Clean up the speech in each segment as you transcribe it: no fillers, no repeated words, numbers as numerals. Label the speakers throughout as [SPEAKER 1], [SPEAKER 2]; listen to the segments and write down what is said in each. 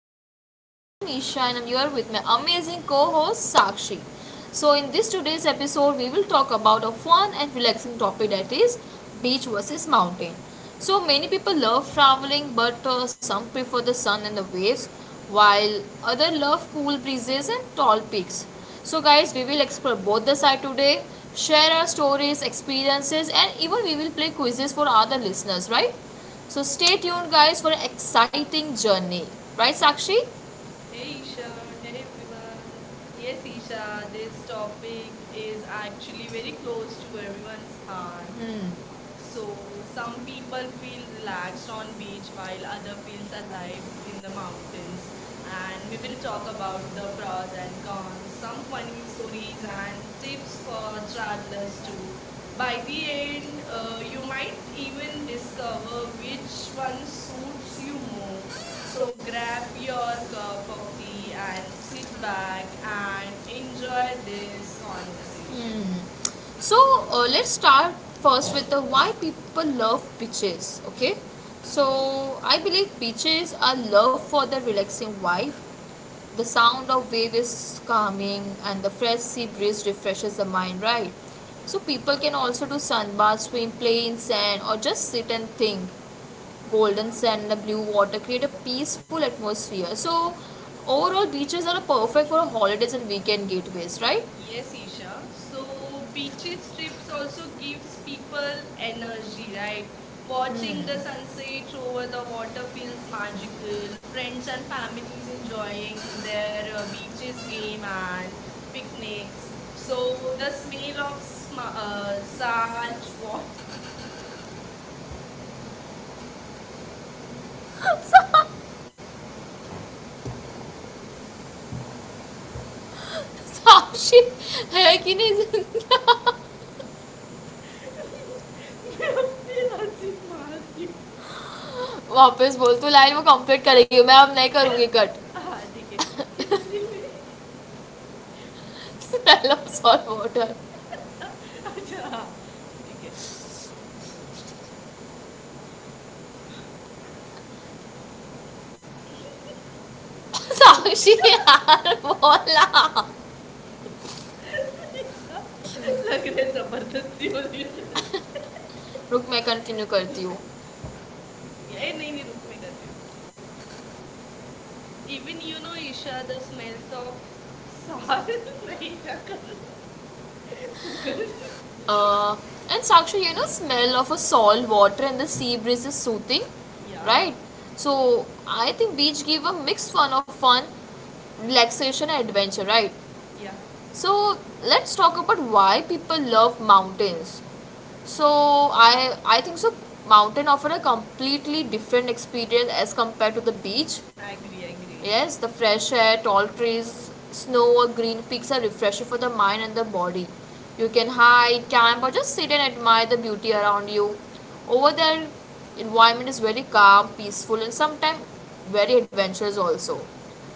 [SPEAKER 1] podcast. I'm Isha and I'm here with my amazing co-host Sakshi. So in this today's episode, we will talk about a fun and relaxing topic, that is beach versus mountain. So many people love traveling, but some prefer the sun and the waves, while other love cool breezes and tall peaks. So guys, we will explore both the side today, share our stories, experiences, and even we will play quizzes for other listeners, right? So stay tuned, guys, for an exciting journey. Right, Sakshi? Yes.
[SPEAKER 2] Hey Isha, hey everyone. Yes, Isha, this topic is actually very close to everyone's heart.
[SPEAKER 1] Hmm.
[SPEAKER 2] So some people feel relaxed on beach while other feels alive in the mountains and we will talk about the pros and cons, some funny stories and tips for travelers too. By the end, you might even discover which one suits you more. So grab your cup of tea and sit back and enjoy this conversation.
[SPEAKER 1] So let's start first with the why people love beaches. Okay,
[SPEAKER 2] Hmm?
[SPEAKER 1] so I believe beaches are loved for the relaxing vibe. The sound of wave is calming, and the fresh sea breeze refreshes the mind. Right. So people can also do sunbaths, swim, play in sand, or just sit and think. Golden sand, and the blue water create a peaceful atmosphere. So overall, beaches are perfect for holidays and weekend getaways. Right.
[SPEAKER 2] Yes, Isha. So beaches trips also gives people energy, right? Watching the sunset over the water feels magical. Friends and families enjoying their beaches game and picnics. So the smell of salt water. मैं अपनी हंसी मार रही हूँ। हाँ ठीक है किधर थी मैं अच्छा हाँ ठीक है रुक जा
[SPEAKER 1] साक्षी है कि नहीं जिंदा वापस बोल तो लाइन वो कंप्लीट करेगी मैं अब नहीं करूँगी cut smell of salt water Sakshi यार बोला
[SPEAKER 2] ईशा, लग रहा है ज़बरदस्ती हो रही है मेरे से।
[SPEAKER 1] रुक मैं कंटिन्यू
[SPEAKER 2] रुक
[SPEAKER 1] करती हूँ
[SPEAKER 2] ए नहीं नहीं रुक मैं कर रही हूँ even you know Isha the smells of salt नहीं ईशा कर तू कर
[SPEAKER 1] and Sakshi you know smell of a salt water and the sea breeze is
[SPEAKER 2] या
[SPEAKER 1] soothing right so I think beach give a mix fun of fun relaxation and adventure, right?
[SPEAKER 2] या
[SPEAKER 1] So let's talk about why people love mountains. So I think so mountain offer a completely different experience as compared to the beach.
[SPEAKER 2] Agree agree
[SPEAKER 1] Yes, the fresh air, tall trees, snow or green peaks are refreshing for the mind and the body. You can hike, camp or just sit and admire the beauty around you. Over there environment is very calm, peaceful and sometimes very adventurous also.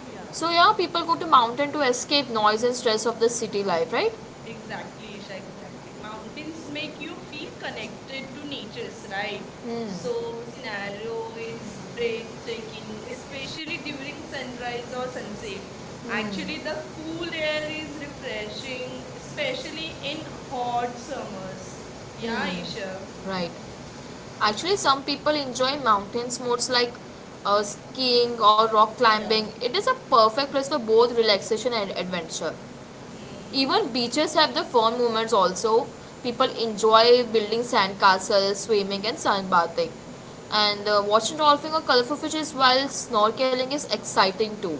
[SPEAKER 2] या
[SPEAKER 1] So yeah, people go to mountain to escape noise and stress of the city life, right?
[SPEAKER 2] Exactly, Isha. Exactly. Mountains make you feel connected to nature's right? So
[SPEAKER 1] Hmm.
[SPEAKER 2] scenario is breathtaking, especially during sunrise or sunset. Actually, the
[SPEAKER 1] Hmm.
[SPEAKER 2] cool air is refreshing, especially in hot summers. Yeah,
[SPEAKER 1] Hmm.
[SPEAKER 2] Isha.
[SPEAKER 1] Right. Actually, some people enjoy mountain sports like skiing or rock
[SPEAKER 2] Yeah.
[SPEAKER 1] climbing. It is a perfect place for both relaxation and adventure.
[SPEAKER 2] Hmm.
[SPEAKER 1] Even beaches have the fun moments also. People enjoy building sandcastles, swimming and sunbathing. And watching dolphin or colorful fishes while snorkeling is exciting too.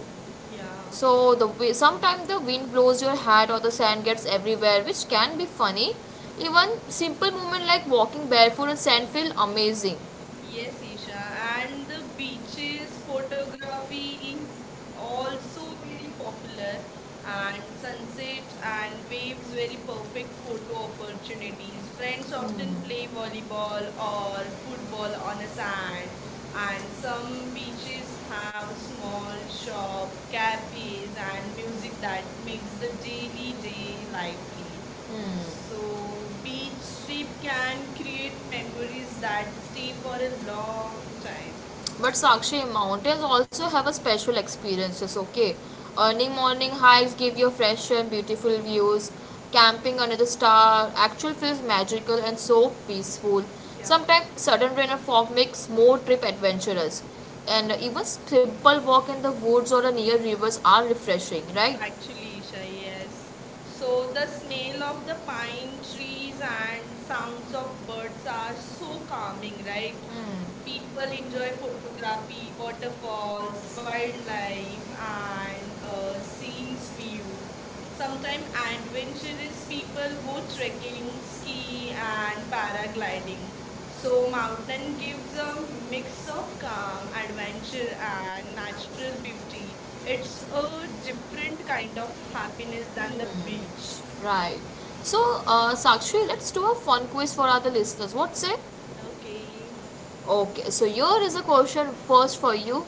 [SPEAKER 2] Yeah.
[SPEAKER 1] So sometimes the wind blows your hat or the sand gets everywhere, which can be funny. Even simple movement like walking barefoot in sand feel amazing.
[SPEAKER 2] Yes, Isha, and the beaches photography is also very popular, and sunset and waves very perfect photo opportunities. Friends often play volleyball or football on a sand, and some beaches have small shop, cafes, and music that makes the daily day lively.
[SPEAKER 1] Hmm.
[SPEAKER 2] So, beach trip can create memories that stay for a long time.
[SPEAKER 1] But Sakshi, mountains also have a special experiences, okay? Earning morning hikes give you fresh and beautiful views. Camping under the star actually feels magical and so peaceful.
[SPEAKER 2] Yeah,
[SPEAKER 1] Sometimes sudden rain or fog makes more trip adventurous, and even simple walk in the woods or near rivers are refreshing, right?
[SPEAKER 2] actually, Isha, yes. So, the smell of the pine trees and sounds of birds are so calming, right? People
[SPEAKER 1] Hmm.
[SPEAKER 2] enjoy photography, waterfalls, wildlife, and scenes view. Sometimes adventurous people go trekking, ski, and paragliding. So mountain gives a mix of calm, adventure, and natural beauty. It's a different kind of happiness than the beach.
[SPEAKER 1] Right. So, Sakshi, let's do a fun quiz for other listeners. What's it?
[SPEAKER 2] Okay.
[SPEAKER 1] Okay, so here is a question first for you.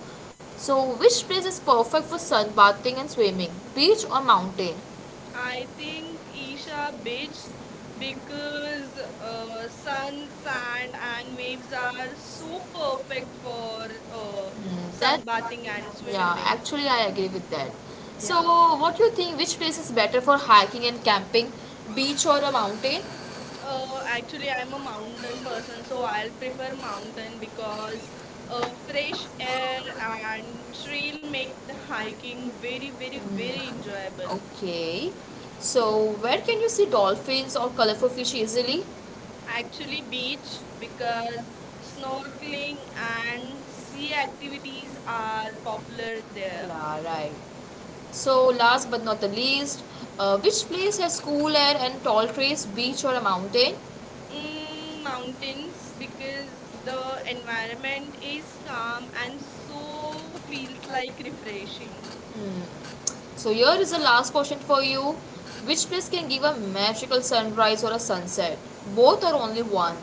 [SPEAKER 1] So, which place is perfect for sunbathing and swimming? Beach or mountain?
[SPEAKER 2] I think Isha Beach because sun, sand, and waves are so perfect for uh,
[SPEAKER 1] Hmm, that,
[SPEAKER 2] sunbathing and
[SPEAKER 1] yeah,
[SPEAKER 2] swimming.
[SPEAKER 1] actually, I agree with that. So,
[SPEAKER 2] Yeah.
[SPEAKER 1] what do you think? Which place is better for hiking and camping? Beach or a mountain?
[SPEAKER 2] Actually, I'm a mountain person, so I'll prefer mountain because fresh air and trail make the hiking very, very, very enjoyable.
[SPEAKER 1] Okay. So, where can you see dolphins or colorful fish easily?
[SPEAKER 2] Actually, beach because snorkeling and sea activities are popular there.
[SPEAKER 1] Yeah, right. So, last but not the least, which place has cool air and tall trees, beach or a mountain?
[SPEAKER 2] Mountains because the environment is calm and so feels like refreshing.
[SPEAKER 1] Mm. So, here is the last question for you. Which place can give a magical sunrise or a sunset? Both or only one?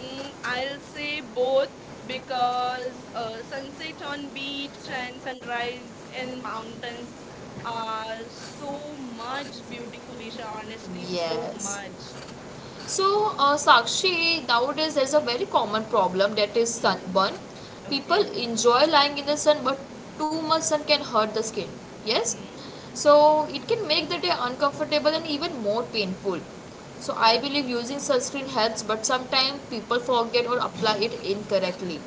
[SPEAKER 2] I'll say both because sunset on beach and sunrise in mountains are so much beautiful, Isha. Honestly, so
[SPEAKER 1] Yes.
[SPEAKER 2] much.
[SPEAKER 1] So, Sakshi, nowadays there's a very common problem, that is
[SPEAKER 2] Hmm.
[SPEAKER 1] sunburn. People
[SPEAKER 2] Okay.
[SPEAKER 1] enjoy lying in the sun, but too much sun can hurt the skin. Yes?
[SPEAKER 2] Hmm.
[SPEAKER 1] So, it can make the day uncomfortable and even more painful. So,
[SPEAKER 2] Yeah.
[SPEAKER 1] I believe using sunscreen helps, but sometimes people forget or apply it incorrectly.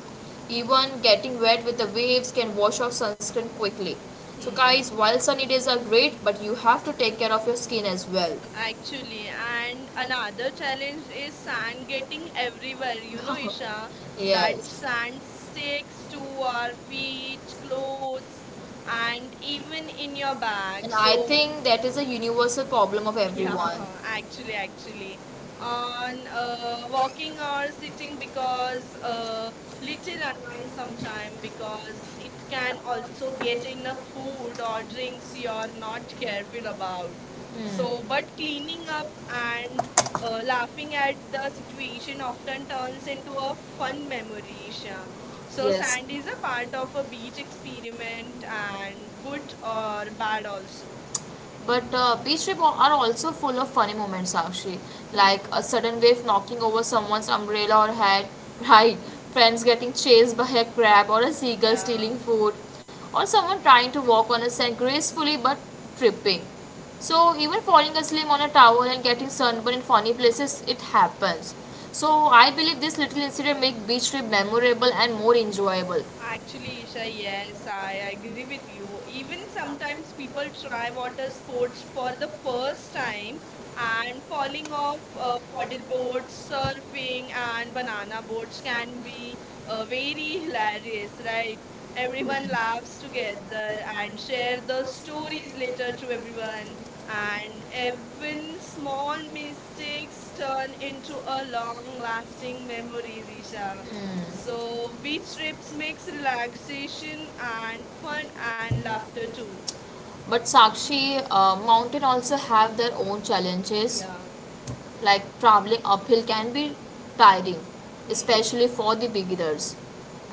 [SPEAKER 1] Even getting wet with the waves can wash off sunscreen quickly. So,
[SPEAKER 2] Hmm.
[SPEAKER 1] guys, while sunny days are great, but you have to take care of your skin as well.
[SPEAKER 2] Actually, and another challenge is sand getting everywhere. You know, Isha, that
[SPEAKER 1] Yes.
[SPEAKER 2] sand sticks to our feet, clothes, and even in your bag.
[SPEAKER 1] And I
[SPEAKER 2] So
[SPEAKER 1] think that is a universal problem of
[SPEAKER 2] yeah,
[SPEAKER 1] everyone.
[SPEAKER 2] actually. On walking or sitting because little annoying sometime because it can also get in a food or drinks you are not careful about. So, but cleaning up and laughing at the situation often turns into a fun memory, Isha. So, sand is a part of a beach experiment and good or bad also.
[SPEAKER 1] But beach trips are also full of funny moments, Sakshi, like
[SPEAKER 2] Hmm,
[SPEAKER 1] a sudden wave knocking over someone's umbrella or hat, right? Friends getting chased by a crab or a seagull
[SPEAKER 2] yeah.
[SPEAKER 1] stealing food, or someone trying to walk on a sand gracefully but tripping. So even falling asleep on a towel and getting sunburned in funny places, it happens. So I believe this little incident make beach trip memorable and more enjoyable.
[SPEAKER 2] Actually, Isha, yes, I agree with you. Even sometimes people try water sports for the first time and falling off paddle boards, surfing, and banana boards can be very hilarious, right? Everyone laughs together and share the stories later to everyone, and even small mistakes turn into a long-lasting memories, Isha. So, beach trips makes relaxation and fun and laughter too.
[SPEAKER 1] But Sakshi, mountain also have their own challenges,
[SPEAKER 2] Yeah.
[SPEAKER 1] like traveling uphill can be tiring,
[SPEAKER 2] Hmm.
[SPEAKER 1] especially for the beginners.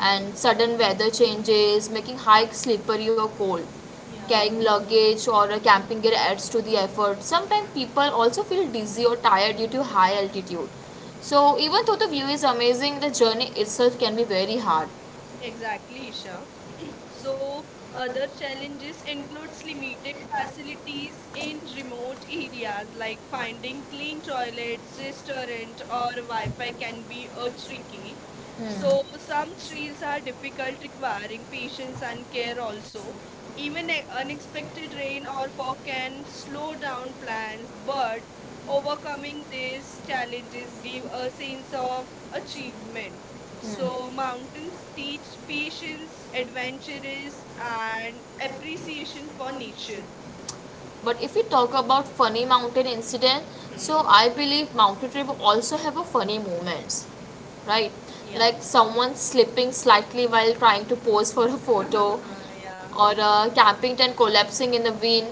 [SPEAKER 2] Yeah.
[SPEAKER 1] sudden weather changes, making hikes slippery or cold.
[SPEAKER 2] Yeah.
[SPEAKER 1] Carrying luggage or a camping gear adds to the effort. Sometimes people also feel dizzy or tired due to high altitude. So, even though the view is amazing, the journey itself can be very hard.
[SPEAKER 2] Exactly, Isha. So, other challenges includes limited facilities in remote areas like finding clean toilets, restaurant or Wi-Fi can be tricky. So, some trails are difficult requiring patience and care also. Even unexpected rain or fog can slow down plans, but overcoming these challenges give a sense of achievement so, mountains teach patience, adventurous, and appreciation for nature.
[SPEAKER 1] But if we talk about funny mountain incident, so
[SPEAKER 2] Hmm?
[SPEAKER 1] I believe mountain trip also have a funny moments, right?
[SPEAKER 2] Yeah.
[SPEAKER 1] Like someone slipping slightly while trying to pose for a photo,
[SPEAKER 2] yeah.
[SPEAKER 1] or a camping tent collapsing in the wind,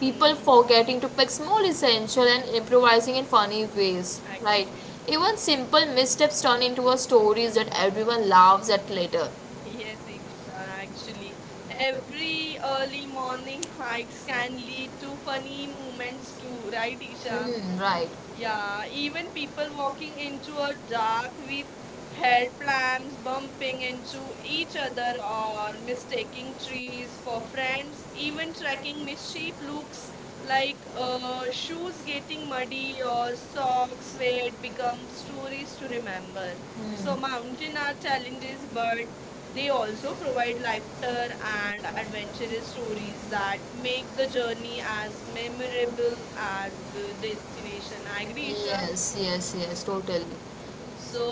[SPEAKER 1] people
[SPEAKER 2] Hmm.
[SPEAKER 1] forgetting to pick small essential and improvising in funny ways, right?
[SPEAKER 2] Actually.
[SPEAKER 1] Even simple missteps turn into a stories that everyone laughs at later.
[SPEAKER 2] Yes, ex- Actually, every early morning hikes can lead to funny moments too, right, Isha?
[SPEAKER 1] Hmm, right.
[SPEAKER 2] Yeah, even people walking into a dark with head lamps bumping into each other or mistaking trees for friends, even tracking misshape looks like shoes getting muddy or socks where it becomes stories to remember. So mountain are challenges, but they also provide laughter and adventurous stories that make the journey as memorable as the destination. I agree, Isha.
[SPEAKER 1] Yes, yes, yes, totally.
[SPEAKER 2] So,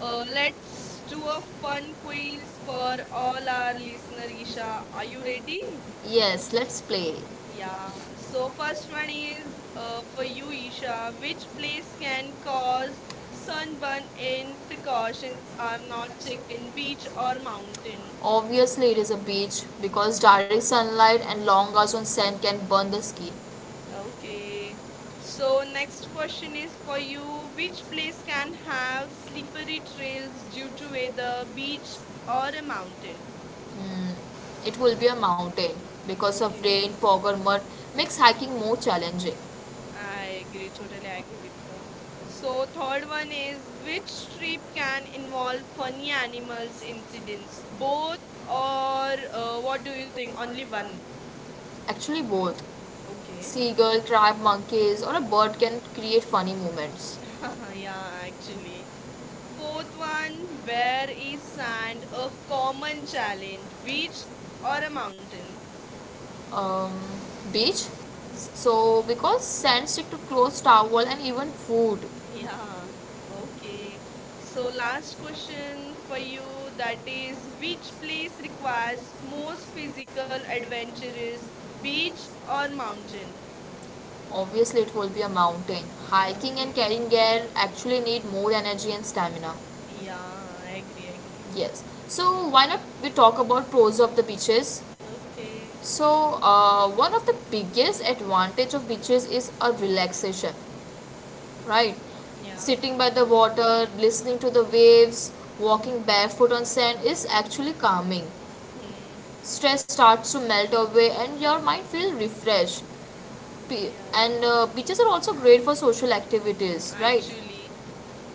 [SPEAKER 2] let's do a fun quiz for all our listener, Isha. Are you ready?
[SPEAKER 1] Yes, let's play.
[SPEAKER 2] Yeah. So, first one is for you, Isha. Which place can cause sunburn in precautions are not taken, beach or mountain?
[SPEAKER 1] Obviously, it is a beach because direct sunlight and long hours on sand can burn the skin.
[SPEAKER 2] Okay. So next question is for you. Which place can have slippery trails due to weather, beach or a mountain?
[SPEAKER 1] Mm, it will be a mountain because of
[SPEAKER 2] Okay.
[SPEAKER 1] rain, fog, or mud makes hiking more challenging.
[SPEAKER 2] I agree. Totally agree with you. So third one is which trip can involve funny animals incidents? Both or what do you think? Only one.
[SPEAKER 1] Actually, both
[SPEAKER 2] Okay.
[SPEAKER 1] seagull, crab, monkeys, or a bird can create funny moments.
[SPEAKER 2] yeah, actually. Fourth one, where is sand a common challenge, beach or a mountain?
[SPEAKER 1] Um, beach, so because sand stick to clothes, towel, and even food,
[SPEAKER 2] Yeah, okay. So, last question for you that is, which place requires most physical adventures, beach or mountain?
[SPEAKER 1] obviously it will be a mountain. Hiking and
[SPEAKER 2] Okay,
[SPEAKER 1] carrying gear actually need more energy and stamina.
[SPEAKER 2] yeah, I agree, I agree.
[SPEAKER 1] Yes. So why not we talk about pros of the beaches?
[SPEAKER 2] Okay,
[SPEAKER 1] So one of the biggest advantage of beaches is a relaxation, right?
[SPEAKER 2] yeah,
[SPEAKER 1] Sitting by the water, listening to the waves, walking barefoot on sand is actually calming.
[SPEAKER 2] hmm,
[SPEAKER 1] Stress starts to melt away and your mind feels refreshed.
[SPEAKER 2] yeah,
[SPEAKER 1] And beaches are also great for social activities, right?
[SPEAKER 2] actually,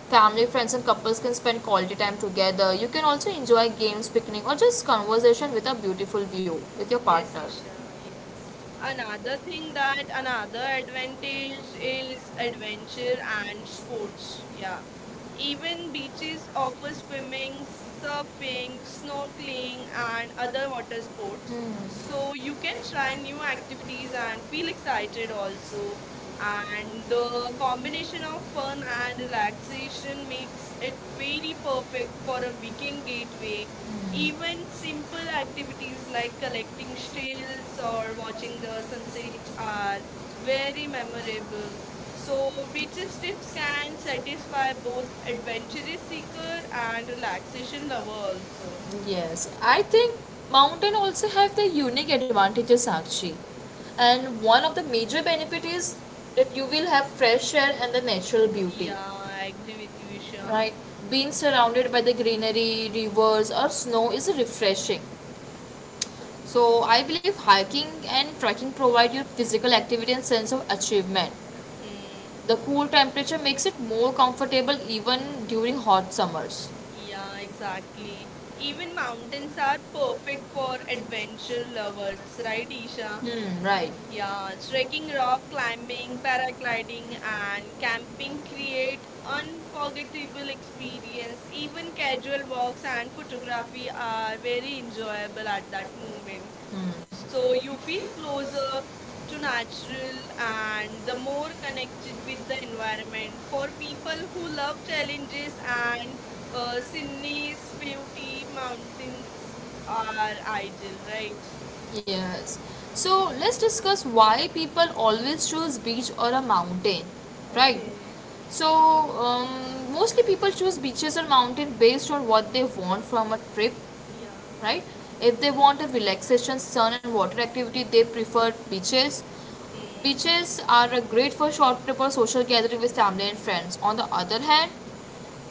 [SPEAKER 1] Family, friends, and couples can spend quality time together. You can also enjoy games, picnic, or just conversation with a beautiful view with your
[SPEAKER 2] yes,
[SPEAKER 1] partner.
[SPEAKER 2] Isha, another thing that another advantage is adventure and sports. Yeah. Even beaches offer swimming, surfing, snorkeling, and other water sports. So you can try new activities and feel excited also. And the combination of fun and relaxation makes it very perfect for a weekend gateway even simple activities like collecting shells or watching the sunset are very memorable. So, beaches trips can satisfy both adventurous seeker and relaxation lover also.
[SPEAKER 1] Yes, I think mountain also have the unique advantages actually, and one of the major benefit is that you will have fresh air and the natural beauty,
[SPEAKER 2] Yeah, I agree with you, Isha.
[SPEAKER 1] right. Being surrounded by the greenery rivers or snow is refreshing, so I believe hiking and trekking provide you physical activity and sense of achievement.
[SPEAKER 2] Hmm.
[SPEAKER 1] The cool temperature makes it more comfortable even during hot summers.
[SPEAKER 2] Yeah, exactly. Even mountains are perfect for adventure lovers, right, Isha?
[SPEAKER 1] Hmm, right.
[SPEAKER 2] Yeah, trekking, rock climbing, paragliding, and camping create unforgettable experience. Even casual walks and photography are very enjoyable at that moment.
[SPEAKER 1] Hmm.
[SPEAKER 2] So you feel closer to natural and the more connected with the environment. For people who love challenges and Sydney's Feuti mountains are ideal, right?
[SPEAKER 1] Yes. So let's discuss why people always choose beach or a mountain, right?
[SPEAKER 2] Okay.
[SPEAKER 1] So mostly people choose beaches or mountain based on what they want from a trip,
[SPEAKER 2] Yeah.
[SPEAKER 1] right? If they want a relaxation, sun and water activity, they prefer beaches.
[SPEAKER 2] Mm.
[SPEAKER 1] Beaches are great for short trip or social gathering with family and friends. On the other hand,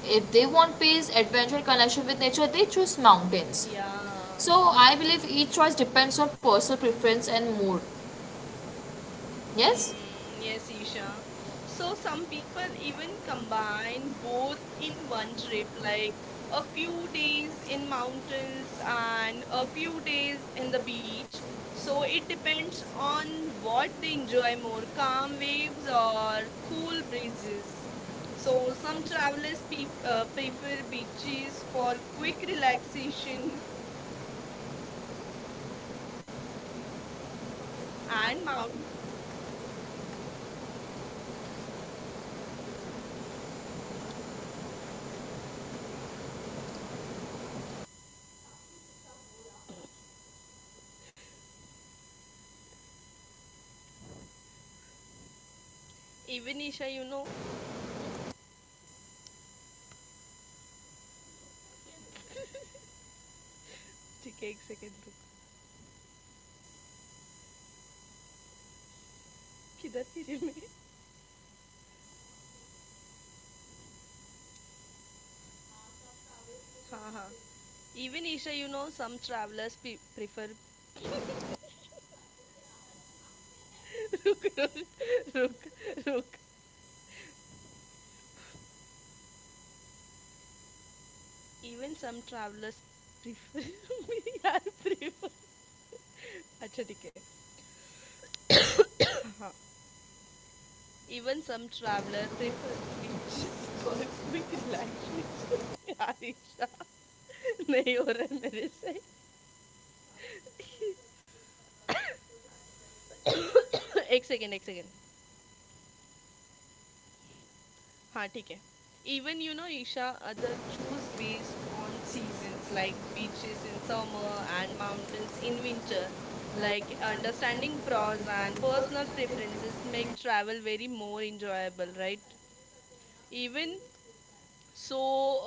[SPEAKER 1] if they want peace, adventure, connection with nature, they choose mountains.
[SPEAKER 2] Ya.
[SPEAKER 1] So I believe each choice depends on personal preference and mood. Yes?
[SPEAKER 2] Mm-hmm. Yes, Isha. So some people even combine both in one trip, like a few days in mountains and a few days in the beach. So it depends on what they enjoy more, calm waves or cool breezes. So some travelers prefer beaches for quick relaxation and mount. Even Isha. ठीक है एक second रुक किधर फिरे मैं हाँ हाँ even Isha you know some travellers prefer रुक रुक रुक रुक इवन सम ट्रैवलर्स प्रिफर यार प्रिफर अच्छा ठीक है हाँ even some traveller prefer beaches for quick relaxation यार ईशा नहीं हो रहा है मेरे से एक सेकेंड हाँ ठीक है. Even Esha, other choose based on seasons like beaches in summer and mountains in winter. Like understanding pros and personal preferences make travel very more enjoyable, right? Even so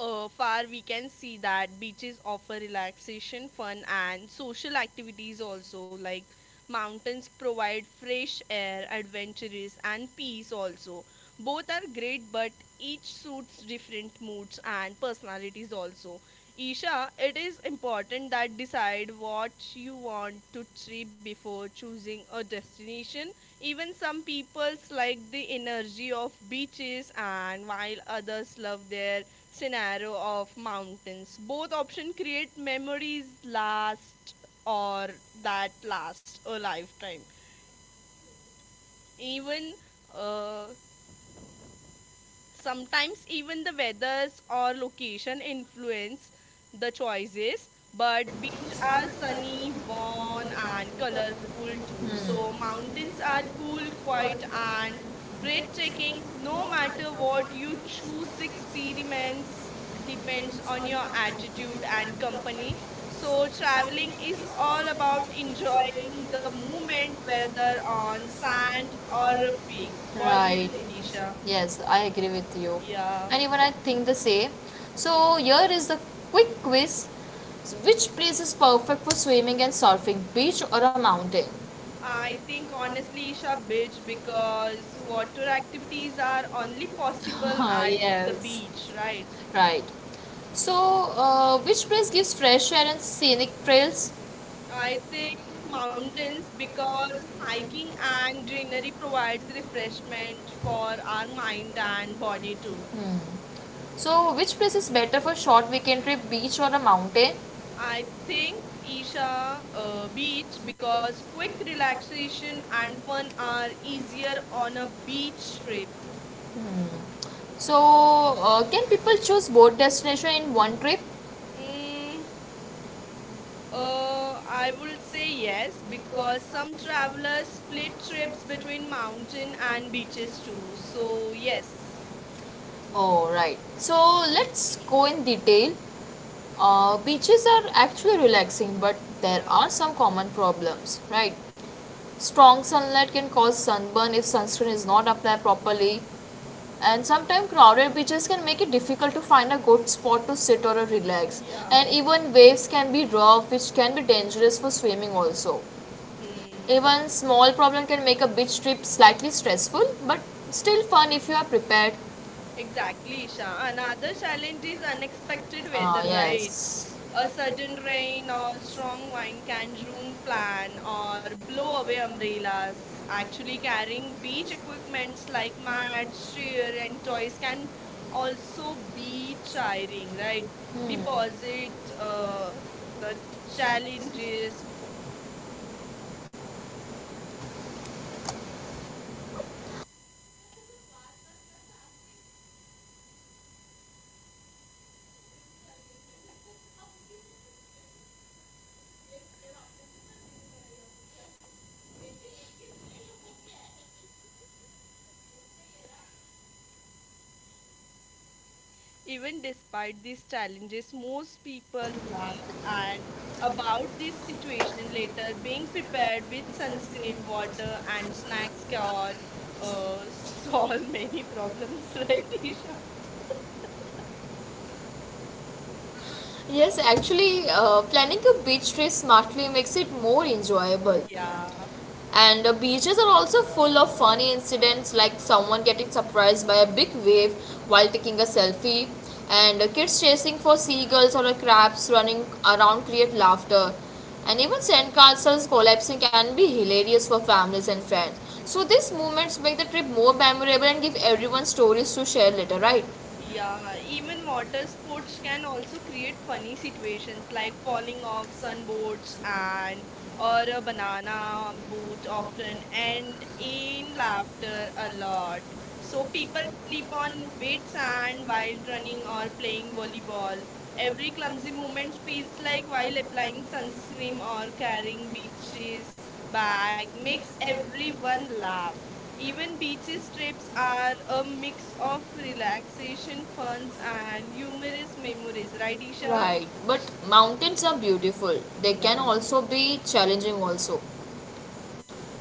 [SPEAKER 2] far we can see that beaches offer relaxation fun and social activities also like mountains provide fresh air adventures and peace also both are great but each suits different moods and personalities also, Isha, it is important that decide what you want to trip before choosing a destination even some peoples like the energy of beaches and while others love their scenario of mountains. Both option create memories last or that last a lifetime. Even uh, Sometimes even the weathers or location influence the choices, but beach are sunny, warm and colorful too. So mountains are cool, quiet and breathtaking. No matter what you choose, the experiments depends on your attitude and company. So traveling is all about enjoying the moment, whether on sand or a peak. What do you
[SPEAKER 1] Right.
[SPEAKER 2] think, Isha?
[SPEAKER 1] Yes, I agree with you.
[SPEAKER 2] Yeah.
[SPEAKER 1] And even I think the same. So, here is the quick quiz, so, which place is perfect for swimming and surfing, beach or a mountain?
[SPEAKER 2] I think honestly, Isha, beach because water activities are only possible
[SPEAKER 1] Oh,
[SPEAKER 2] at the
[SPEAKER 1] yes.
[SPEAKER 2] beach,
[SPEAKER 1] Right?
[SPEAKER 2] right?
[SPEAKER 1] Right. So, which place gives fresh air and scenic trails?
[SPEAKER 2] I think mountains because hiking and greenery provides refreshment for our mind and body too.
[SPEAKER 1] So, which place is better for short weekend trip, beach or a mountain?
[SPEAKER 2] I think Isha beach because quick relaxation and fun are easier on a beach trip.
[SPEAKER 1] Hmm. So, can people choose both destination in one trip?
[SPEAKER 2] Mm, I would say yes because some travelers split trips between mountain and beaches too. So yes,
[SPEAKER 1] Oh, right. So let's go in detail. Beaches are actually relaxing, but there
[SPEAKER 2] yeah,
[SPEAKER 1] are some common problems, right? Strong sunlight can cause sunburn if sunscreen is not applied properly, and sometimes crowded beaches can make it difficult to find a good spot to sit or relax.
[SPEAKER 2] yeah.
[SPEAKER 1] And even waves can be rough, which can be dangerous for swimming also.
[SPEAKER 2] Hmm.
[SPEAKER 1] Even small problem can make a beach trip slightly stressful, but still fun if you are prepared.
[SPEAKER 2] Exactly, Isha. Another challenge is unexpected
[SPEAKER 1] Oh,
[SPEAKER 2] weather, right?
[SPEAKER 1] yes.
[SPEAKER 2] A sudden rain or strong wind can ruin plan or blow away umbrellas. Actually, carrying beach equipments like mats, shear, and toys can also be tiring, right? Deposit
[SPEAKER 1] Hmm.
[SPEAKER 2] uh, the challenges Even despite these challenges, most people laugh and about this situation later. Being prepared with sunscreen, water, and snacks can solve many problems, right, Isha?
[SPEAKER 1] Yes, actually, planning a beach trip smartly makes it more enjoyable.
[SPEAKER 2] Yeah,
[SPEAKER 1] And the beaches are also full of funny incidents like someone getting surprised by a big wave while taking a selfie, and the kids chasing for seagulls or crabs running around create laughter. And even sandcastles collapsing can be hilarious for families and friends. So these moments make the trip more memorable and give everyone stories to share later, right?
[SPEAKER 2] yeah. Even water sports can also create funny situations like falling off sunboards and or a banana boat often end in laughter a lot. So people sleep on wet sand while running or playing volleyball. Every
[SPEAKER 1] Every
[SPEAKER 2] clumsy
[SPEAKER 1] consumer
[SPEAKER 2] movement
[SPEAKER 1] will
[SPEAKER 2] feels
[SPEAKER 1] treat
[SPEAKER 2] like
[SPEAKER 1] like
[SPEAKER 2] while
[SPEAKER 1] budget
[SPEAKER 2] applying
[SPEAKER 1] banks and
[SPEAKER 2] sunscreen
[SPEAKER 1] screen
[SPEAKER 2] or
[SPEAKER 1] on
[SPEAKER 2] carrying
[SPEAKER 1] the beach
[SPEAKER 2] beaches
[SPEAKER 1] series.
[SPEAKER 2] bag makes everyone laugh. Even beaches trips are a mix of relaxation, funs, and humorous memories, right, Isha?
[SPEAKER 1] Right, but mountains are beautiful. They can
[SPEAKER 2] Yeah.
[SPEAKER 1] also be challenging also.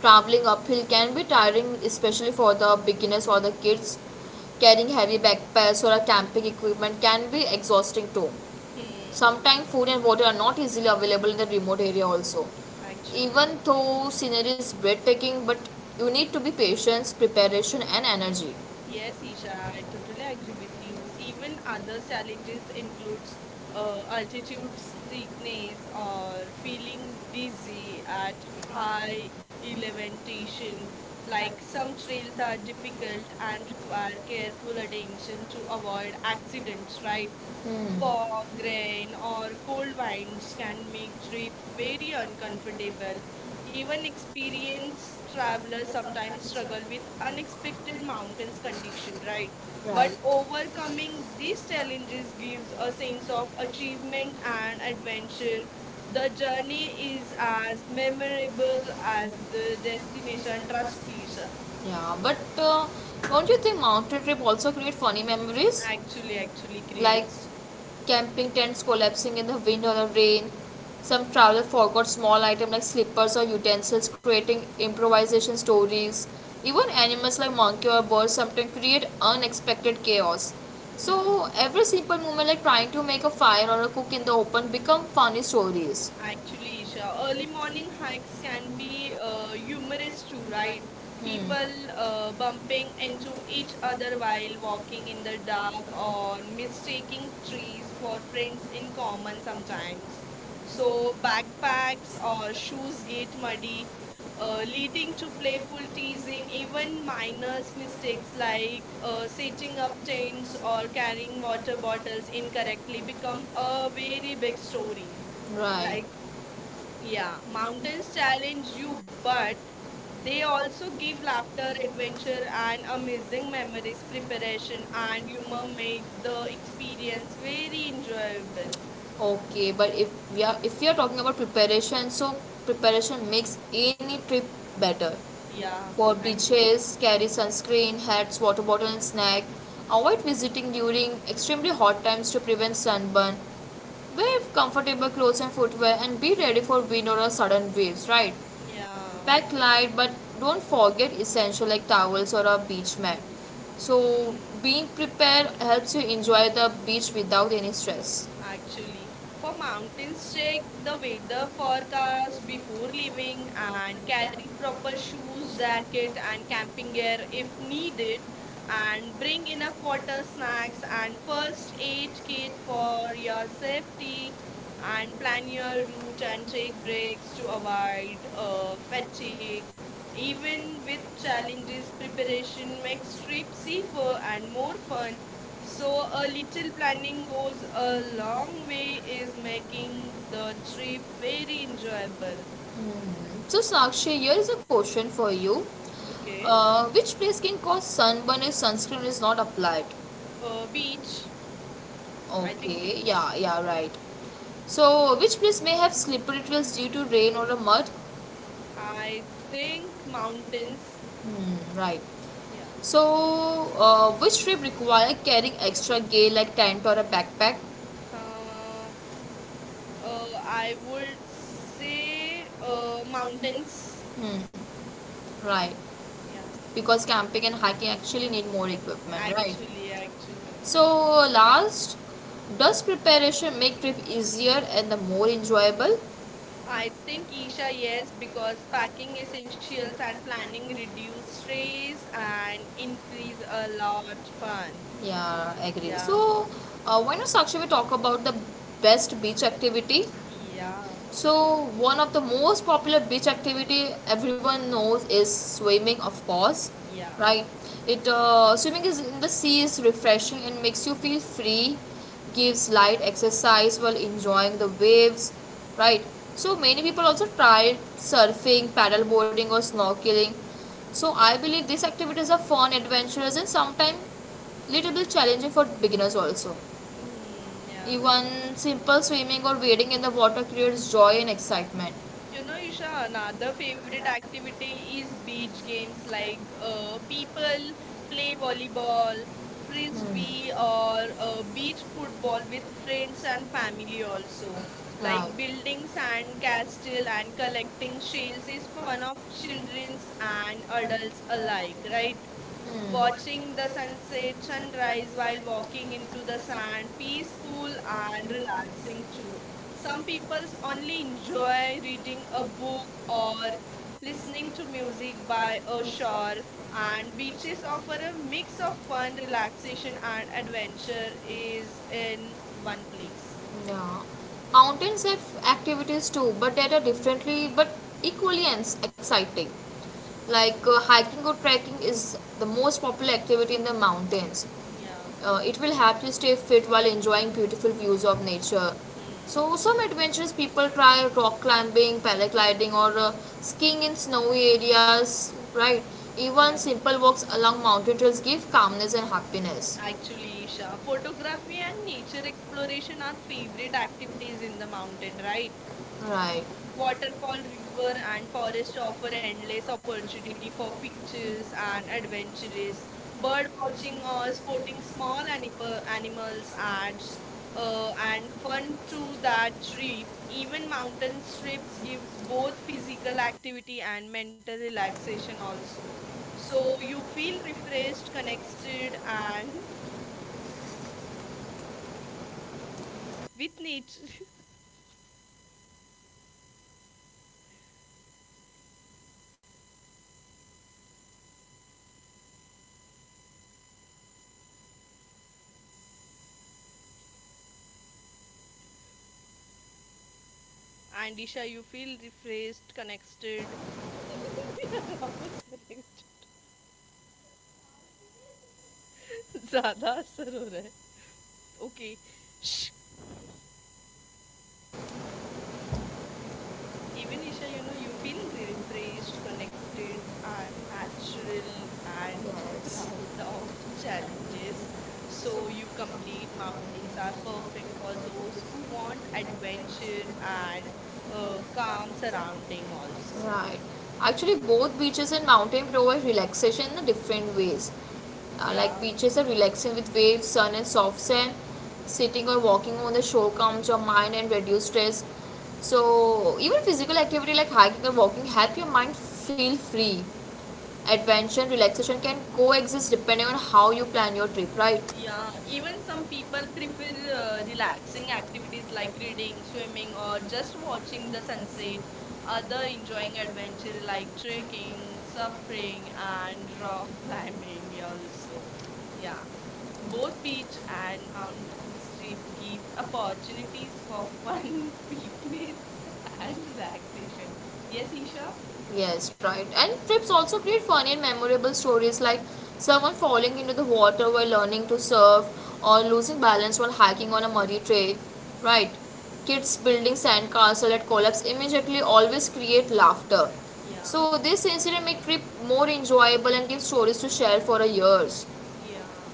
[SPEAKER 1] Traveling uphill can be tiring, especially for the beginners or the kids. Carrying heavy backpacks or a camping equipment can be exhausting too.
[SPEAKER 2] Hmm.
[SPEAKER 1] Sometimes food and water are not easily available in the remote area also.
[SPEAKER 2] Actually.
[SPEAKER 1] Even though scenery is breathtaking, but you need to be patient preparation and energy.
[SPEAKER 2] Yes, Isha, I totally agree with you. Even other challenges includes altitude sickness or feeling dizzy at high elevation. Like some trails are difficult and require careful attention to avoid accidents, right? Fog, rain, or cold winds can make trip very uncomfortable. Even experienced travelers sometimes struggle with unexpected mountains condition, right? But overcoming these challenges gives a sense of achievement and adventure. The journey is as memorable as the destination. Trust me, sir.
[SPEAKER 1] Yeah, but don't you think mountain trip also create funny memories?
[SPEAKER 2] Actually
[SPEAKER 1] Like
[SPEAKER 2] creates.
[SPEAKER 1] camping tents collapsing in the wind or the rain. Some travelers forgot small items like slippers or utensils, creating improvisation stories. Even animals like monkey or birds sometimes create unexpected chaos.
[SPEAKER 2] Yeah.
[SPEAKER 1] So every simple movement like trying to make a fire or a cook in the open become funny stories.
[SPEAKER 2] Actually, Isha, early morning hikes can be humorous too, right?
[SPEAKER 1] Hmm.
[SPEAKER 2] People bumping into each other while walking in the dark or mistaking trees for friends in common sometimes. So, backpacks or shoes get muddy, leading to playful teasing, even minor mistakes like setting up tents or carrying water bottles incorrectly become a very big stories
[SPEAKER 1] Right.
[SPEAKER 2] like yeah, mountains challenge you, but they also give laughter, adventure, and amazing memories. Preparation and humor make the experience very enjoyable.
[SPEAKER 1] Okay, but if we are talking about preparation, so preparation makes any trip better. Yeah.
[SPEAKER 2] Yeah,
[SPEAKER 1] For
[SPEAKER 2] I agree.
[SPEAKER 1] beaches, carry sunscreen, hats, water bottle, and snack. Avoid visiting during extremely hot times to prevent sunburn. Wear comfortable clothes and footwear and be ready for wind or a sudden waves, right?
[SPEAKER 2] Yeah.
[SPEAKER 1] Pack light but don't forget essential like towels or a beach mat. So
[SPEAKER 2] Mhm.
[SPEAKER 1] being prepared helps you enjoy the beach without any stress.
[SPEAKER 2] Actually. For mountains, check the weather forecast before leaving and carry proper shoes, jacket, and camping gear if needed. And bring enough water, snacks, and first aid kit for your safety. And plan your route and take breaks to avoid fatigue. Even with challenges, preparation makes trip safer and more fun. So a little planning goes a long way is making the trip very enjoyable.
[SPEAKER 1] Mm. So, Sakshi, here is a question for you.
[SPEAKER 2] Okay.
[SPEAKER 1] Which place can cause sunburn if sunscreen is not applied?
[SPEAKER 2] Beach. I think
[SPEAKER 1] Okay,
[SPEAKER 2] beach.
[SPEAKER 1] yeah, yeah, right. So, which place may have slippery trails due to rain or a mud?
[SPEAKER 2] I think mountains.
[SPEAKER 1] Hmm, right.
[SPEAKER 2] Yeah.
[SPEAKER 1] So, which trip require carrying extra gear like tent or a backpack?
[SPEAKER 2] Uh, I would say mountains.
[SPEAKER 1] Hmm, right.
[SPEAKER 2] Yeah.
[SPEAKER 1] Because camping and hiking actually need more equipment, right?
[SPEAKER 2] Actually.
[SPEAKER 1] So, last, does preparation make trip easier and the more enjoyable?
[SPEAKER 2] I think Isha, yes, because packing essentials and planning reduce stress and increase a lot fun.
[SPEAKER 1] Yeah, agree.
[SPEAKER 2] Yeah,
[SPEAKER 1] So, why not Sakshi we talk about the best beach activity?
[SPEAKER 2] yeah,
[SPEAKER 1] So one of the most popular beach activity everyone knows is swimming, of course,
[SPEAKER 2] yeah.
[SPEAKER 1] yeah, right? It Swimming is in the sea is refreshing and makes you feel free, gives light exercise while enjoying the waves, right? So many people also try surfing, paddleboarding, or snorkeling. So I believe these activities are fun, adventurous, and sometimes little bit challenging for beginners also.
[SPEAKER 2] Mm, yeah.
[SPEAKER 1] Even simple swimming or wading in the water creates joy and excitement.
[SPEAKER 2] You know, Isha, another favorite activity is beach games like people play volleyball, frisbee, or beach football with friends and family also.
[SPEAKER 1] Hmm.
[SPEAKER 2] Like
[SPEAKER 1] Right.
[SPEAKER 2] building sand castle and collecting shells is fun of childrens and adults alike, right?
[SPEAKER 1] Hmm.
[SPEAKER 2] Watching the sunset, sunrise while walking into the sand, peaceful and relaxing too. Some people only enjoy reading a book or listening to music by a shore, and beaches offer a mix of fun, relaxation, and adventure is in one place.
[SPEAKER 1] Yeah. Mountains have activities too, but that are differently but equally exciting like hiking or trekking is the most popular activity in the mountains.
[SPEAKER 2] Yeah.
[SPEAKER 1] Uh, it will help you stay fit while enjoying beautiful views of nature.
[SPEAKER 2] Hmm.
[SPEAKER 1] So some adventurous people try rock climbing, paragliding, or skiing in snowy areas, right? Even
[SPEAKER 2] Yeah.
[SPEAKER 1] simple walks along mountain trails give calmness and happiness,
[SPEAKER 2] Actually, Isha, photography and nature exploration are favorite activities in the mountain, right?
[SPEAKER 1] right?
[SPEAKER 2] Waterfall, river, and forest offer endless opportunity for pictures and adventures. Bird watching or sporting small animals adds and fun to that trip. Even mountain trips gives both physical activity and mental relaxation also. So you feel refreshed, connected, and with nature. And Disha, you feel refreshed, connected. वापस correct ज़्यादा असर हो रहा है। Okay. Shh. Even Isha, you know, you feel refreshed, connected, and natural and
[SPEAKER 1] Yes,
[SPEAKER 2] proud of challenges. So you complete mountains are perfect for those who want adventure and calm surrounding also.
[SPEAKER 1] right. Actually, both beaches and mountain provide relaxation in different ways. Uh,
[SPEAKER 2] Yeah.
[SPEAKER 1] like beaches are relaxing with waves, sun, and soft sand. Sitting or walking on the shore calms your mind and reduce stress. So, even physical activity like hiking or walking help your mind feel free. Adventure and relaxation can coexist depending on how you plan your trip, right?
[SPEAKER 2] Yeah, even some people prefer relaxing activities like reading, swimming, or just watching the sunset. Other enjoying adventure like trekking, surfing, and rock climbing also. Yeah, both beach and mountain trip give opportunities for fun, fitness, and relaxation. Yes, Isha?
[SPEAKER 1] Yes, right. And trips also create funny and memorable stories like someone falling into the water while learning to surf or losing balance while hiking on a muddy trail. Right. Kids building sandcastle that collapse immediately always create laughter.
[SPEAKER 2] Yeah,
[SPEAKER 1] So this incident make trip more enjoyable and give stories to share for a years.
[SPEAKER 2] yeah.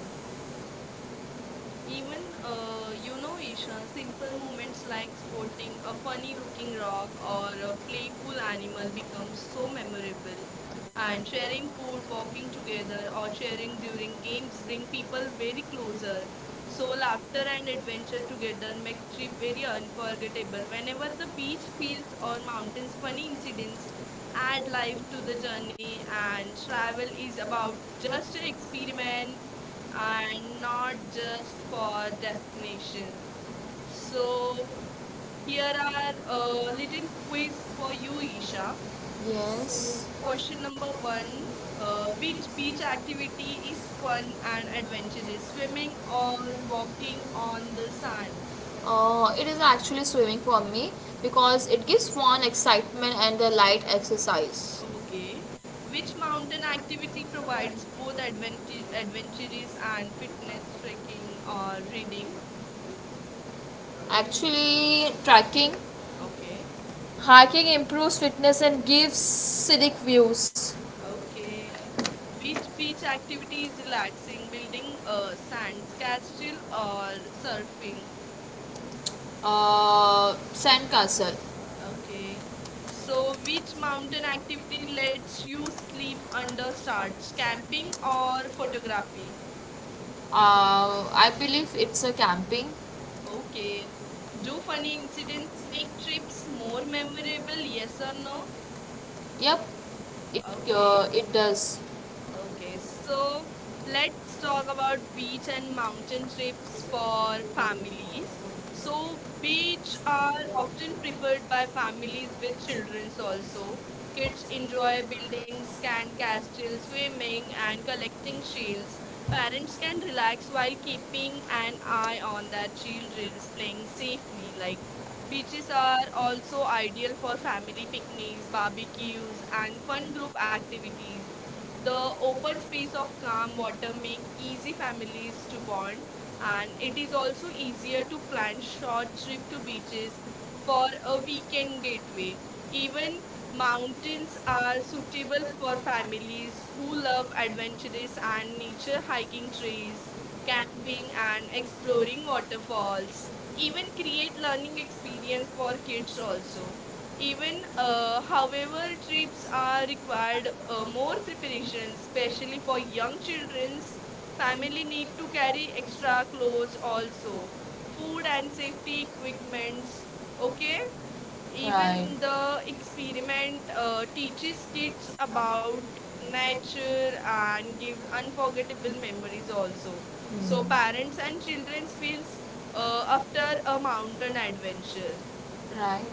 [SPEAKER 2] Even, you know, Isha, simple moments like sporting a funny looking rock or a playful animal becomes so memorable. And sharing food, walking together, or sharing during games bring people very closer. So, laughter and adventure together make trip very unforgettable. Whenever the beach, fields, or mountains, funny incidents add life to the journey, and travel is about just an experiment and not just for destination. So, here are a little quiz for you, Isha. So, question number one which beach activity is fun and adventurous? Swimming or walking on the sand?
[SPEAKER 1] It is actually swimming for me because it gives fun, excitement, and the light exercise.
[SPEAKER 2] Okay. Which mountain activity provides both adventurous and fitness trekking or reading?
[SPEAKER 1] Actually, trekking,
[SPEAKER 2] Okay.
[SPEAKER 1] hiking improves fitness and gives scenic views.
[SPEAKER 2] Okay. Which beach activity is relaxing? Building, sands castle or surfing?
[SPEAKER 1] Sandcastle.
[SPEAKER 2] Okay. So, which mountain activity lets you sleep under stars? Camping or photography?
[SPEAKER 1] I believe it's a camping.
[SPEAKER 2] Okay. Do funny incidents make trips more memorable? Yes or no?
[SPEAKER 1] Yep,
[SPEAKER 2] Okay.
[SPEAKER 1] it does.
[SPEAKER 2] Okay, so let's talk about beach and mountain trips for families. So, beach are often preferred by families with children also. Kids enjoy building sand castles, swimming, and collecting shells. Parents can relax while keeping an eye on their children's playing safely. Like beaches are also ideal for family picnics, barbecues, and fun group activities the open space of calm water make easy families to bond and it is also easier to plan short trip to beaches for a weekend getaway. Even mountains are suitable for families who love adventures and nature hiking trails, camping and exploring waterfalls. Even create learning experience for kids also. Even, however, trips are required more preparation, especially for young children's. Family need to carry extra clothes also, food and safety equipments. Okay, even the experiment teaches kids about nature and gives unforgettable memories also. So
[SPEAKER 1] Mm.
[SPEAKER 2] parents and children feels after a mountain adventure.
[SPEAKER 1] Right.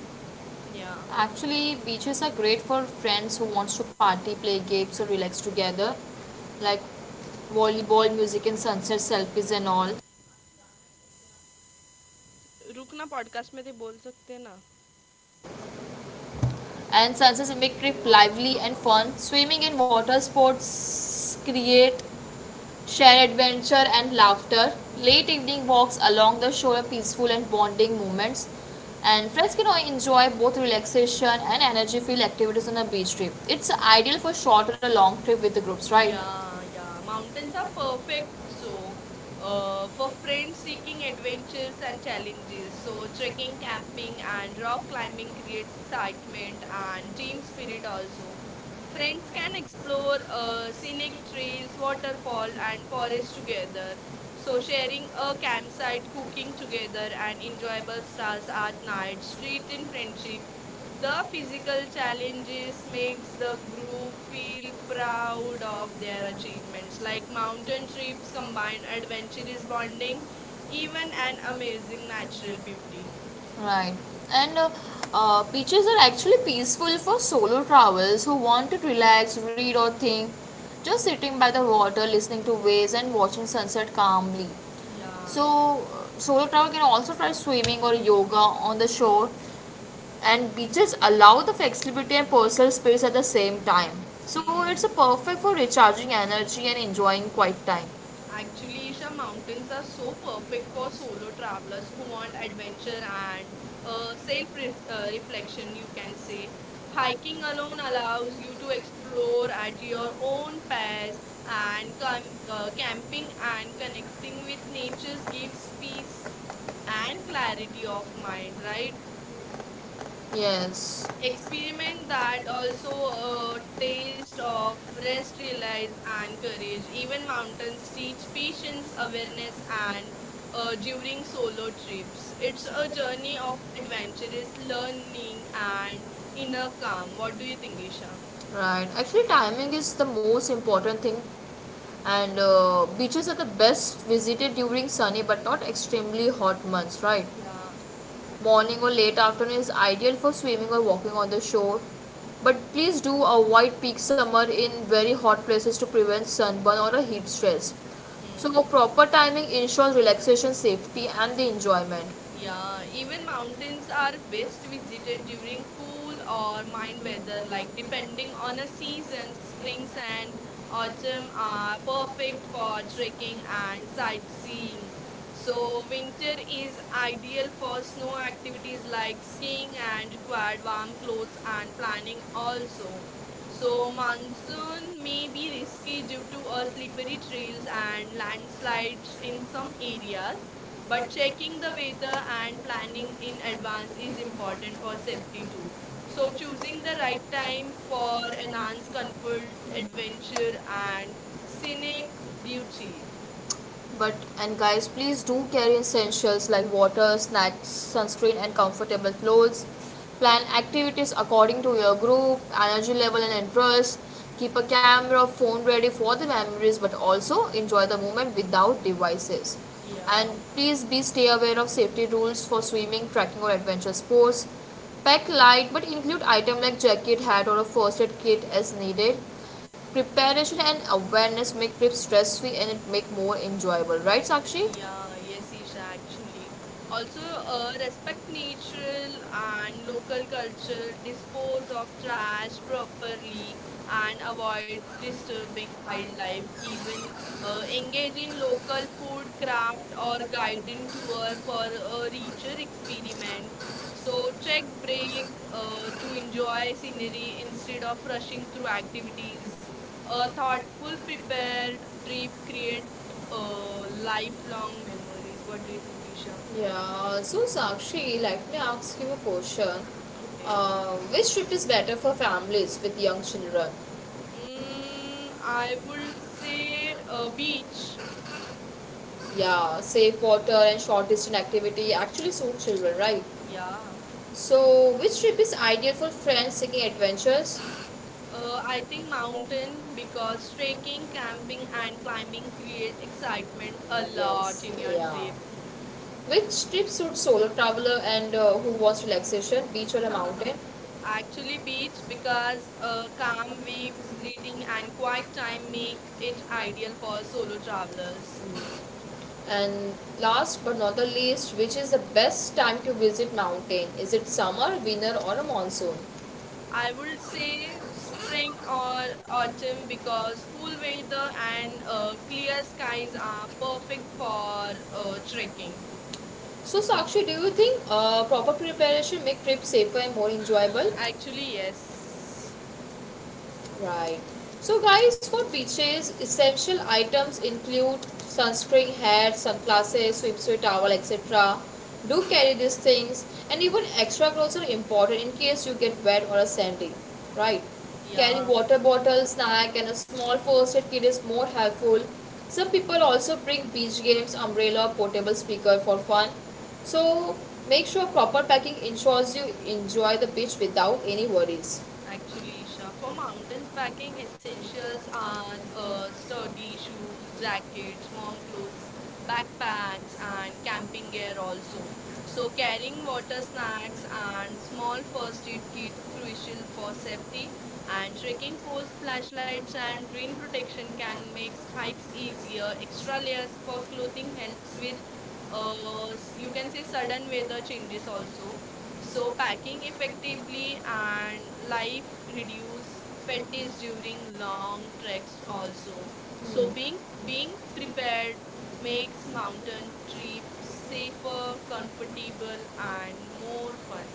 [SPEAKER 2] Yeah.
[SPEAKER 1] Actually, beaches are great for friends who wants to party, play games, or relax together, like volleyball, music, and sunset selfies and all.
[SPEAKER 2] रुकना ना podcast में ते बोल सकते ना
[SPEAKER 1] And sunsets make trip lively and fun. Swimming and water sports create shared adventure and laughter. Late evening walks along the shore are peaceful and bonding moments. And friends can enjoy both relaxation and energy filled activities on a beach trip. It's ideal for short or a long trip with the groups, right?
[SPEAKER 2] Yeah, या mountains are perfect so for friends seeking adventures and challenges. So trekking, camping, and rock climbing creates excitement and team spirit also. Friends can explore scenic trails, waterfall, and forest together. So, sharing a campsite, cooking together, and enjoyable stars at night, street in friendship. The physical challenges makes the group feel proud of their achievements like mountain trips combined adventurous bonding even an amazing natural beauty.
[SPEAKER 1] Right. And beaches are actually peaceful for solo travelers who want to relax, read, or think. Just sitting by the water, listening to waves, and watching sunset calmly.
[SPEAKER 2] Yeah.
[SPEAKER 1] So, solo traveler can also try swimming or yoga on the shore. And beaches allow the flexibility and personal space at the same time. So,
[SPEAKER 2] Hmm.
[SPEAKER 1] it's a perfect for recharging energy and enjoying quiet time.
[SPEAKER 2] Actually, Isha, mountains are so perfect for solo travelers who want adventure and reflection, you can say. Hiking alone allows you to explore at your own pace, and camping and connecting with nature gives peace and clarity of mind, right?
[SPEAKER 1] Yes.
[SPEAKER 2] Experiment that also a taste of rest, realize, and courage. Even mountains teach patience, awareness, and during solo trips. It's a journey of adventurous learning and inner calm. What do you think, Isha?
[SPEAKER 1] Right. Actually, timing is the most important thing, and beaches are the best visited during sunny but not extremely hot months. Right.
[SPEAKER 2] Yeah.
[SPEAKER 1] Morning or late afternoon is ideal for swimming or walking on the shore, but please do avoid peak summer in very hot places to prevent sunburn or a heat stress. So,
[SPEAKER 2] Hmm.
[SPEAKER 1] proper timing ensures relaxation, safety, and the enjoyment.
[SPEAKER 2] Yeah, even mountains are best visited during cool or mild weather, like depending on a season, springs and autumn are perfect for trekking and sightseeing. So, winter is ideal for snow activities like skiing and required warm clothes and planning also. So, monsoon may be risky due to slippery trails and landslides in some areas. But checking the weather and planning in advance is important for safety too. So choosing the right time for enhanced comfort, adventure and scenic beauty.
[SPEAKER 1] But and guys, please do carry essentials like water, snacks, sunscreen, and comfortable clothes. Plan activities according to your group, energy level, and interest. Keep a camera, phone ready for the memories, but also enjoy the moment without devices.
[SPEAKER 2] Yeah.
[SPEAKER 1] And please be stay aware of safety rules for swimming, trekking, or adventure sports. Pack light but include items like jacket, hat, or a first aid kit as needed. Preparation and awareness make trips stress free and it make more enjoyable, right Sakshi?
[SPEAKER 2] Yeah, yes, Isha, actually. Also, respect natural and local culture, dispose of trash properly, and avoid disturbing wildlife. Even engage in local food craft or guided tour for a richer
[SPEAKER 1] Yes.
[SPEAKER 2] experiment. So, check break to enjoy scenery instead of rushing through activities. A thoughtful, prepared trip create uh, lifelong memories. What do you think, Isha?
[SPEAKER 1] Yeah, so Sakshi, let me ask you a question.
[SPEAKER 2] Okay.
[SPEAKER 1] Which trip is better for families with young children?
[SPEAKER 2] Mm, I would say beach.
[SPEAKER 1] Yeah, safe water and short distance activity actually suit children, right?
[SPEAKER 2] Yeah.
[SPEAKER 1] So, which trip is ideal for friends seeking adventures?
[SPEAKER 2] I think mountain because trekking, camping, and climbing create excitement a lot
[SPEAKER 1] Yes,
[SPEAKER 2] in your
[SPEAKER 1] yeah.
[SPEAKER 2] trip.
[SPEAKER 1] Which trip suits solo traveler and who wants relaxation, beach or a mountain?
[SPEAKER 2] Actually, beach because calm waves, reading, and quiet time make it ideal for solo travelers.
[SPEAKER 1] And last but not the least, which is the best time to visit mountain? Is it summer, winter, or a monsoon?
[SPEAKER 2] I would say spring or autumn because cool weather and clear skies are perfect for trekking.
[SPEAKER 1] So, Sakshi, do you think proper preparation make trip safer and more enjoyable?
[SPEAKER 2] Actually, yes.
[SPEAKER 1] Right. So, guys, for beaches, essential items include sunscreen, hat, sunglasses, swimsuit towel, etc. Do carry these things, and even extra clothes are important in case you get wet or sandy. Right. Carrying
[SPEAKER 2] Yeah.
[SPEAKER 1] water bottle, snack, and a small first aid kit is more helpful. Some people also bring beach games, umbrella, portable speaker for fun. So, make sure proper packing ensures you enjoy the beach without any worries.
[SPEAKER 2] Actually, Isha, for mountains packing, essentials are sturdy shoes, jackets, warm clothes, backpacks, and camping gear also. So, carrying water snacks and small first aid kit crucial for safety. And trekking poles, flashlights, and rain protection can make hikes easier. Extra layers for clothing helps with, you can say, sudden weather changes also. So packing effectively and life reduce fatigue during long treks also. So being prepared makes mountain trips safer, comfortable and more fun.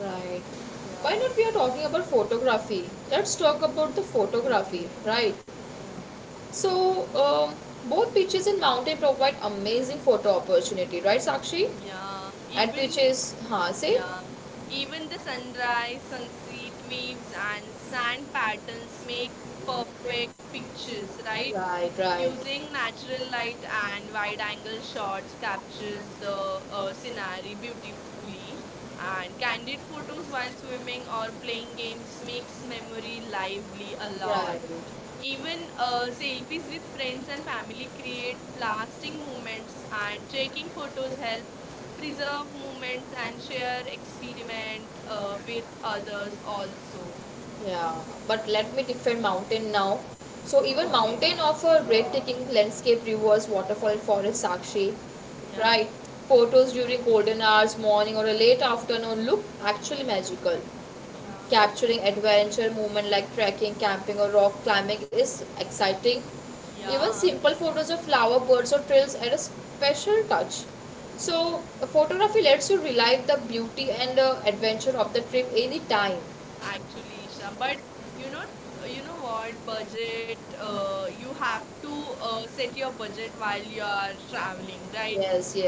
[SPEAKER 1] Right.
[SPEAKER 2] Yeah.
[SPEAKER 1] Why not we are talking about photography? Let's talk about the
[SPEAKER 2] Okay.
[SPEAKER 1] photography, right?
[SPEAKER 2] Yeah.
[SPEAKER 1] So, um, both beaches and mountain provide amazing photo opportunity, right, Sakshi?
[SPEAKER 2] Yeah,
[SPEAKER 1] At which
[SPEAKER 2] even
[SPEAKER 1] is, huh, say?
[SPEAKER 2] yeah, even the sunrise, sunset waves, and sand patterns make perfect pictures, right?
[SPEAKER 1] Right, right.
[SPEAKER 2] Using natural light and wide angle shots captures the scenery beautifully and candid photos while swimming or playing games makes memory lively a lot.
[SPEAKER 1] Right.
[SPEAKER 2] Even selfies with friends and family create lasting moments and taking photos help preserve moments and share experiment with others also.
[SPEAKER 1] Yeah, but let me define mountain now. So even
[SPEAKER 2] Okay.
[SPEAKER 1] mountain offer breathtaking landscape, rivers, waterfall, forest, Sakshi,
[SPEAKER 2] Yeah.
[SPEAKER 1] right? Photos during golden hours, morning or a late afternoon look actually magical.
[SPEAKER 2] Yeah.
[SPEAKER 1] Capturing adventure movement like trekking, camping, or rock climbing is exciting. Even
[SPEAKER 2] Yeah.
[SPEAKER 1] simple photos of flower birds or trails add a special touch. So, photography lets you relive the beauty and adventure of the trip anytime.
[SPEAKER 2] Actually, Isha. But you know, you know what budget? You have to set your budget while you are traveling, right?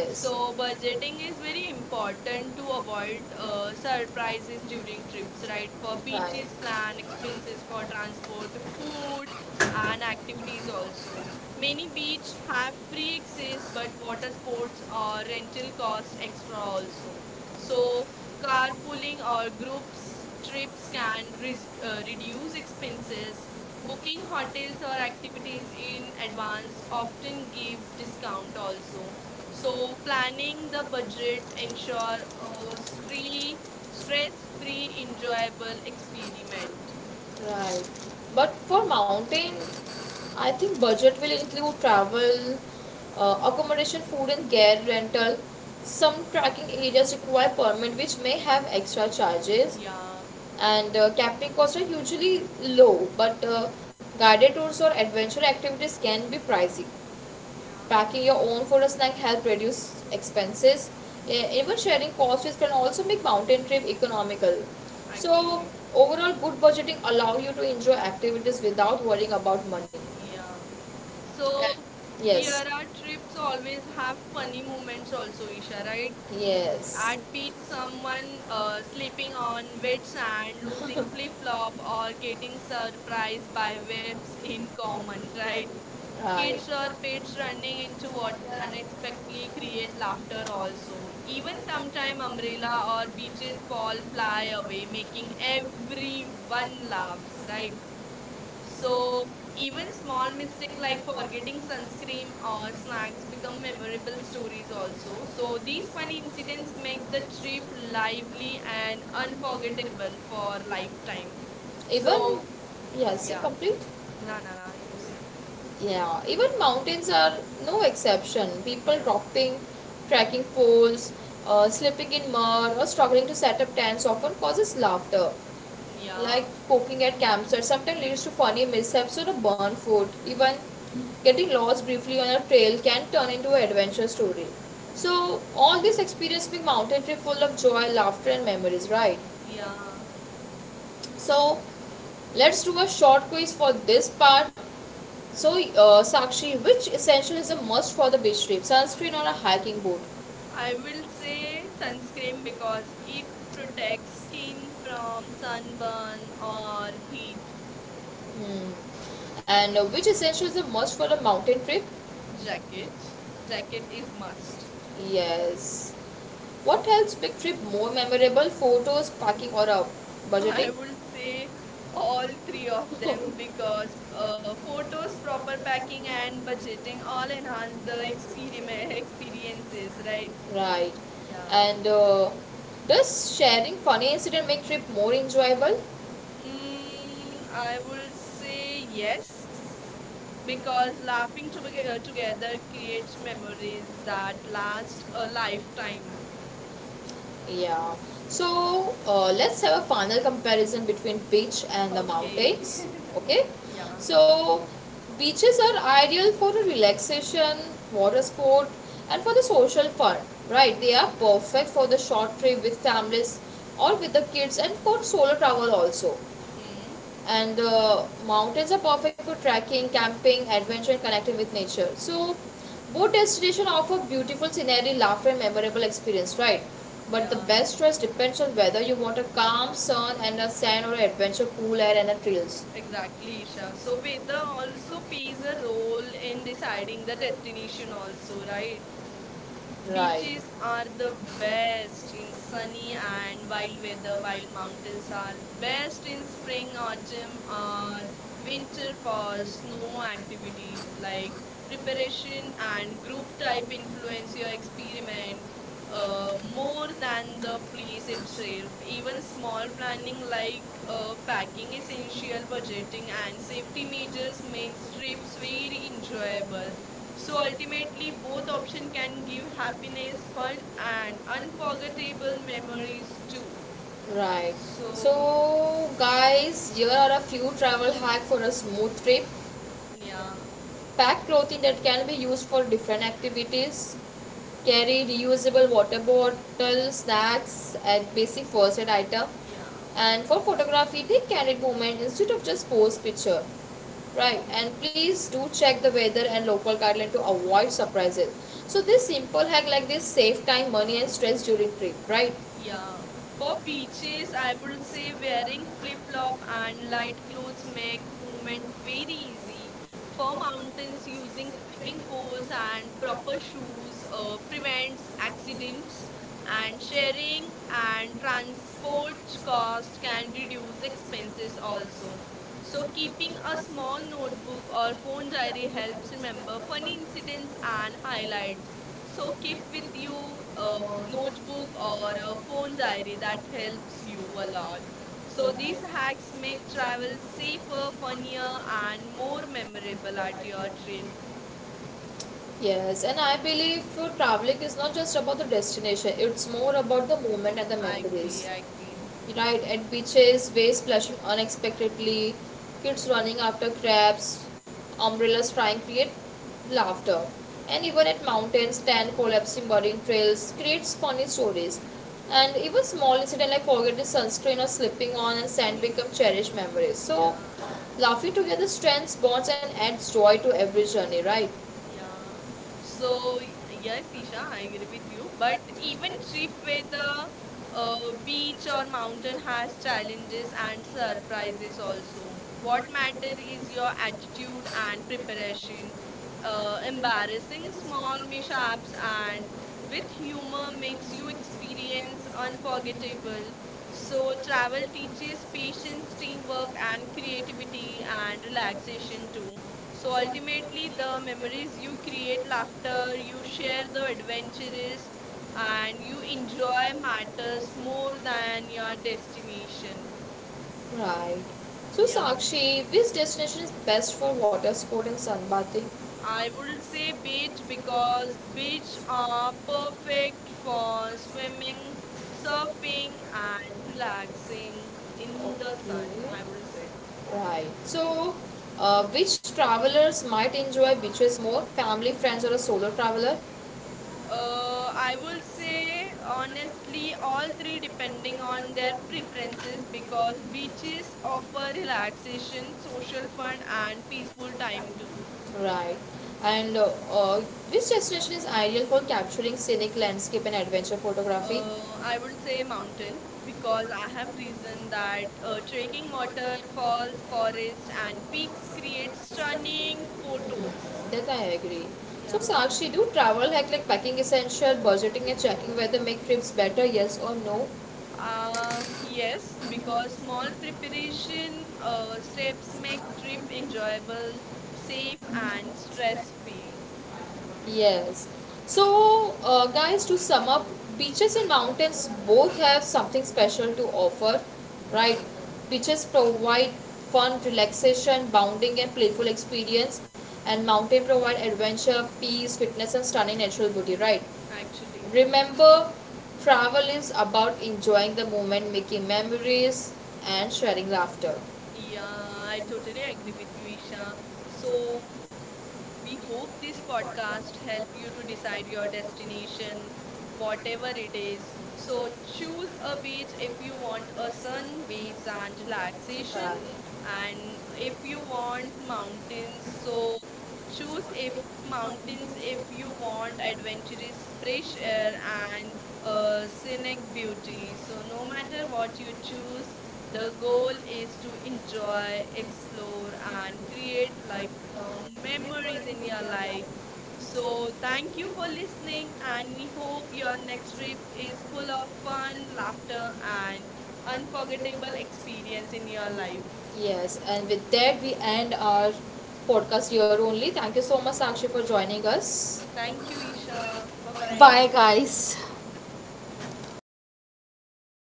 [SPEAKER 2] So budgeting is very important to avoid surprises during trips, right? For beaches, plan expenses for transport, food, and activities also. Many beach have free access, but water sports or rental cost extra also. So carpooling or groups trips can reduce expenses. Booking hotels or activities in advance often gives discount also. So planning the budget ensure a stress-free, enjoyable experiment.
[SPEAKER 1] Right. But for mountain, I think budget will include travel, accommodation, food and gear rental. Some tracking areas require permit which may have extra charges,
[SPEAKER 2] Yeah,
[SPEAKER 1] and camping costs are usually low, but guided tours or adventure activities can be pricey.
[SPEAKER 2] yeah,
[SPEAKER 1] Packing your own food or snack help reduce expenses. Even sharing costs can also make mountain trip economical.
[SPEAKER 2] actually,
[SPEAKER 1] So overall, good budgeting allows you to enjoy activities without worrying about money.
[SPEAKER 2] yeah. So
[SPEAKER 1] Uh,
[SPEAKER 2] here
[SPEAKER 1] yes,
[SPEAKER 2] our trips always have funny moments also, Isha, right?
[SPEAKER 1] yes,
[SPEAKER 2] I'd beat someone slipping on wet sand, losing flip flop, or getting surprised by whips in common, right?
[SPEAKER 1] right,
[SPEAKER 2] Kids or pets running into water unexpectedly create laughter also. Even sometime umbrella or beaches fall fly away, making everyone laughs, right? So even small mistake like forgetting sunscreen or snacks become memorable stories also. So these funny incidents make the trip lively and unforgettable for lifetime.
[SPEAKER 1] even
[SPEAKER 2] So
[SPEAKER 1] yes say
[SPEAKER 2] yeah.
[SPEAKER 1] complete.
[SPEAKER 2] Nah nah nah you say.
[SPEAKER 1] Yeah, even mountains are no exception. People
[SPEAKER 2] Yeah.
[SPEAKER 1] dropping trekking poles, slipping in mud, or struggling to set up tents often causes laughter. Like
[SPEAKER 2] Yeah.
[SPEAKER 1] poking at campsites sometimes leads to funny mishaps or a burnt foot. Even getting lost briefly on a trail can turn into an adventure story. So all this experience make mountain trip full of joy, laughter, and memories, right?
[SPEAKER 2] Yeah.
[SPEAKER 1] So let's do a short quiz for this part. So Sakshi, which essential is a must for the beach trip? Sunscreen or a hiking boot?
[SPEAKER 2] I will say sunscreen because it protects skin from sunburn or heat.
[SPEAKER 1] Hmm. And which essential is a must for a mountain trip?
[SPEAKER 2] Jacket. Jacket is must.
[SPEAKER 1] Yes. What helps Big Trip more memorable? Photos, packing, or
[SPEAKER 2] I
[SPEAKER 1] budgeting?
[SPEAKER 2] would say all three of them because photos, proper packing, and budgeting all enhance the experiment experiences, right?
[SPEAKER 1] Right.
[SPEAKER 2] Yeah.
[SPEAKER 1] And does sharing funny incident make trip more enjoyable?
[SPEAKER 2] Mm, I would say yes because laughing to together creates memories that last a lifetime.
[SPEAKER 1] Yeah. So let's have a final comparison between beach and the
[SPEAKER 2] Okay.
[SPEAKER 1] mountains. Okay.
[SPEAKER 2] Yeah.
[SPEAKER 1] So beaches are ideal for the relaxation, water sport, and for the social fun. Right. They are perfect for the short trip with families or with the kids and for solo travel also,
[SPEAKER 2] Hmm.
[SPEAKER 1] and the mountains are perfect for trekking, camping, adventure, and connecting with nature. So, both destinations offer beautiful scenery, laughter, and memorable experience, right? But the
[SPEAKER 2] Yeah.
[SPEAKER 1] best choice depends on whether you want a calm sun and a sand or adventure, cool air and a trails.
[SPEAKER 2] Exactly, Isha. So weather also plays a role in deciding the destination also, right? Beaches are the best in sunny and wild weather, while mountains are best in spring, autumn, or winter for snow activities like preparation and group type influence your experiment more than the place itself. Even small planning like packing, essential budgeting, and safety measures makes trips very enjoyable. So ultimately, both options can give happiness, fun, and unforgettable memories too.
[SPEAKER 1] Right.
[SPEAKER 2] So,
[SPEAKER 1] So, guys, here are a few travel hacks for a smooth trip.
[SPEAKER 2] yeah,
[SPEAKER 1] Pack clothing that can be used for different activities, carry reusable water bottle snacks and basic first aid item,
[SPEAKER 2] yeah.
[SPEAKER 1] and for photography take candid moment instead of just post picture, right? And please do check the weather and local guideline to avoid surprises. So this simple hack like this save time money and stress during trip, right?
[SPEAKER 2] Yeah, for beaches, I would say wearing flip-flop and light clothes make movement very easy. For mountains, using trekking poles and proper shoes prevents accidents, and sharing and transport cost can reduce expenses also. So keeping a small
[SPEAKER 1] So
[SPEAKER 2] notebook or phone diary helps remember funny incidents and highlights. So keep with you notebook or a phone diary that helps
[SPEAKER 1] and
[SPEAKER 2] you a lot. So these hacks make travel safer, funnier, and more memorable at your trip.
[SPEAKER 1] yes, and I believe traveling is not just about the destination, it's more about the moment and the
[SPEAKER 2] I agree,
[SPEAKER 1] memories.
[SPEAKER 2] I agree.
[SPEAKER 1] Right, at beaches, waves splashing unexpectedly, kids running after crabs, umbrellas trying to create laughter. And even at mountains, stand collapsing burning trails creates funny stories. And even small incident like forgetting sunscreen or slipping on and sand become cherished memories. So
[SPEAKER 2] Yeah.
[SPEAKER 1] laughing together strengthens bonds and adds joy to every journey, right?
[SPEAKER 2] Yeah. So yes, Isha, I agree with you. But even trip where the uh, beach or mountain has challenges and surprises also. What matter is your attitude and preparation. Embarrassing small mishaps and with humor makes you experience unforgettable. So travel teaches patience, teamwork, and creativity and relaxation too. So ultimately, the memories you create, laughter, you share the adventures, and you enjoy matters more than your destination.
[SPEAKER 1] Right. So,
[SPEAKER 2] Yeah,
[SPEAKER 1] Sakshi, which destination is best for water sport and sunbathing? I —
[SPEAKER 2] I would say beach because beach are perfect for swimming, surfing, and relaxing in the sun.
[SPEAKER 1] okay —
[SPEAKER 2] I would say.
[SPEAKER 1] would say. Right. So, which travelers might enjoy beaches more? Family, friends, or a solo traveler?
[SPEAKER 2] I will say honestly, all three depending on their preferences because beaches offer relaxation, social fun, and peaceful time too.
[SPEAKER 1] Right. And which destination is ideal for capturing scenic landscape and adventure photography?
[SPEAKER 2] Uh, I would say mountain because I have reason that trekking waterfalls, forests, and peaks create stunning photos.
[SPEAKER 1] That I agree. So,
[SPEAKER 2] Yeah.
[SPEAKER 1] Sakshi, do travel hack like packing essential, budgeting, and checking whether make trips better, yes or no?
[SPEAKER 2] Yes, because small preparation steps make trip enjoyable, safe, and stress free.
[SPEAKER 1] Yes. So, guys, to sum up, beaches and mountains both have something special to offer, right? Beaches provide fun, relaxation, bounding, and playful experience, and mountain provide adventure, peace, fitness, and stunning natural beauty, right?
[SPEAKER 2] Actually,
[SPEAKER 1] Remember, travel is about enjoying the moment, making memories, and sharing laughter.
[SPEAKER 2] yeah, I totally agree with you, Isha. So we hope this podcast help you to decide your destination, whatever it is. So choose a beach if you want a sun, waves and relaxation
[SPEAKER 1] Right.
[SPEAKER 2] and if you want mountains so choose if mountains if you want adventurous fresh air and scenic beauty so no matter what you choose the goal is to enjoy explore and create life memories in your life. So, thank you for listening, and we hope your next trip is full of fun, laughter, and unforgettable experience in your life.
[SPEAKER 1] Yes, and with that, we end our podcast here only. Thank you so much, Sakshi, for joining us.
[SPEAKER 2] Thank you, Isha. Bye bye.
[SPEAKER 1] Bye, guys.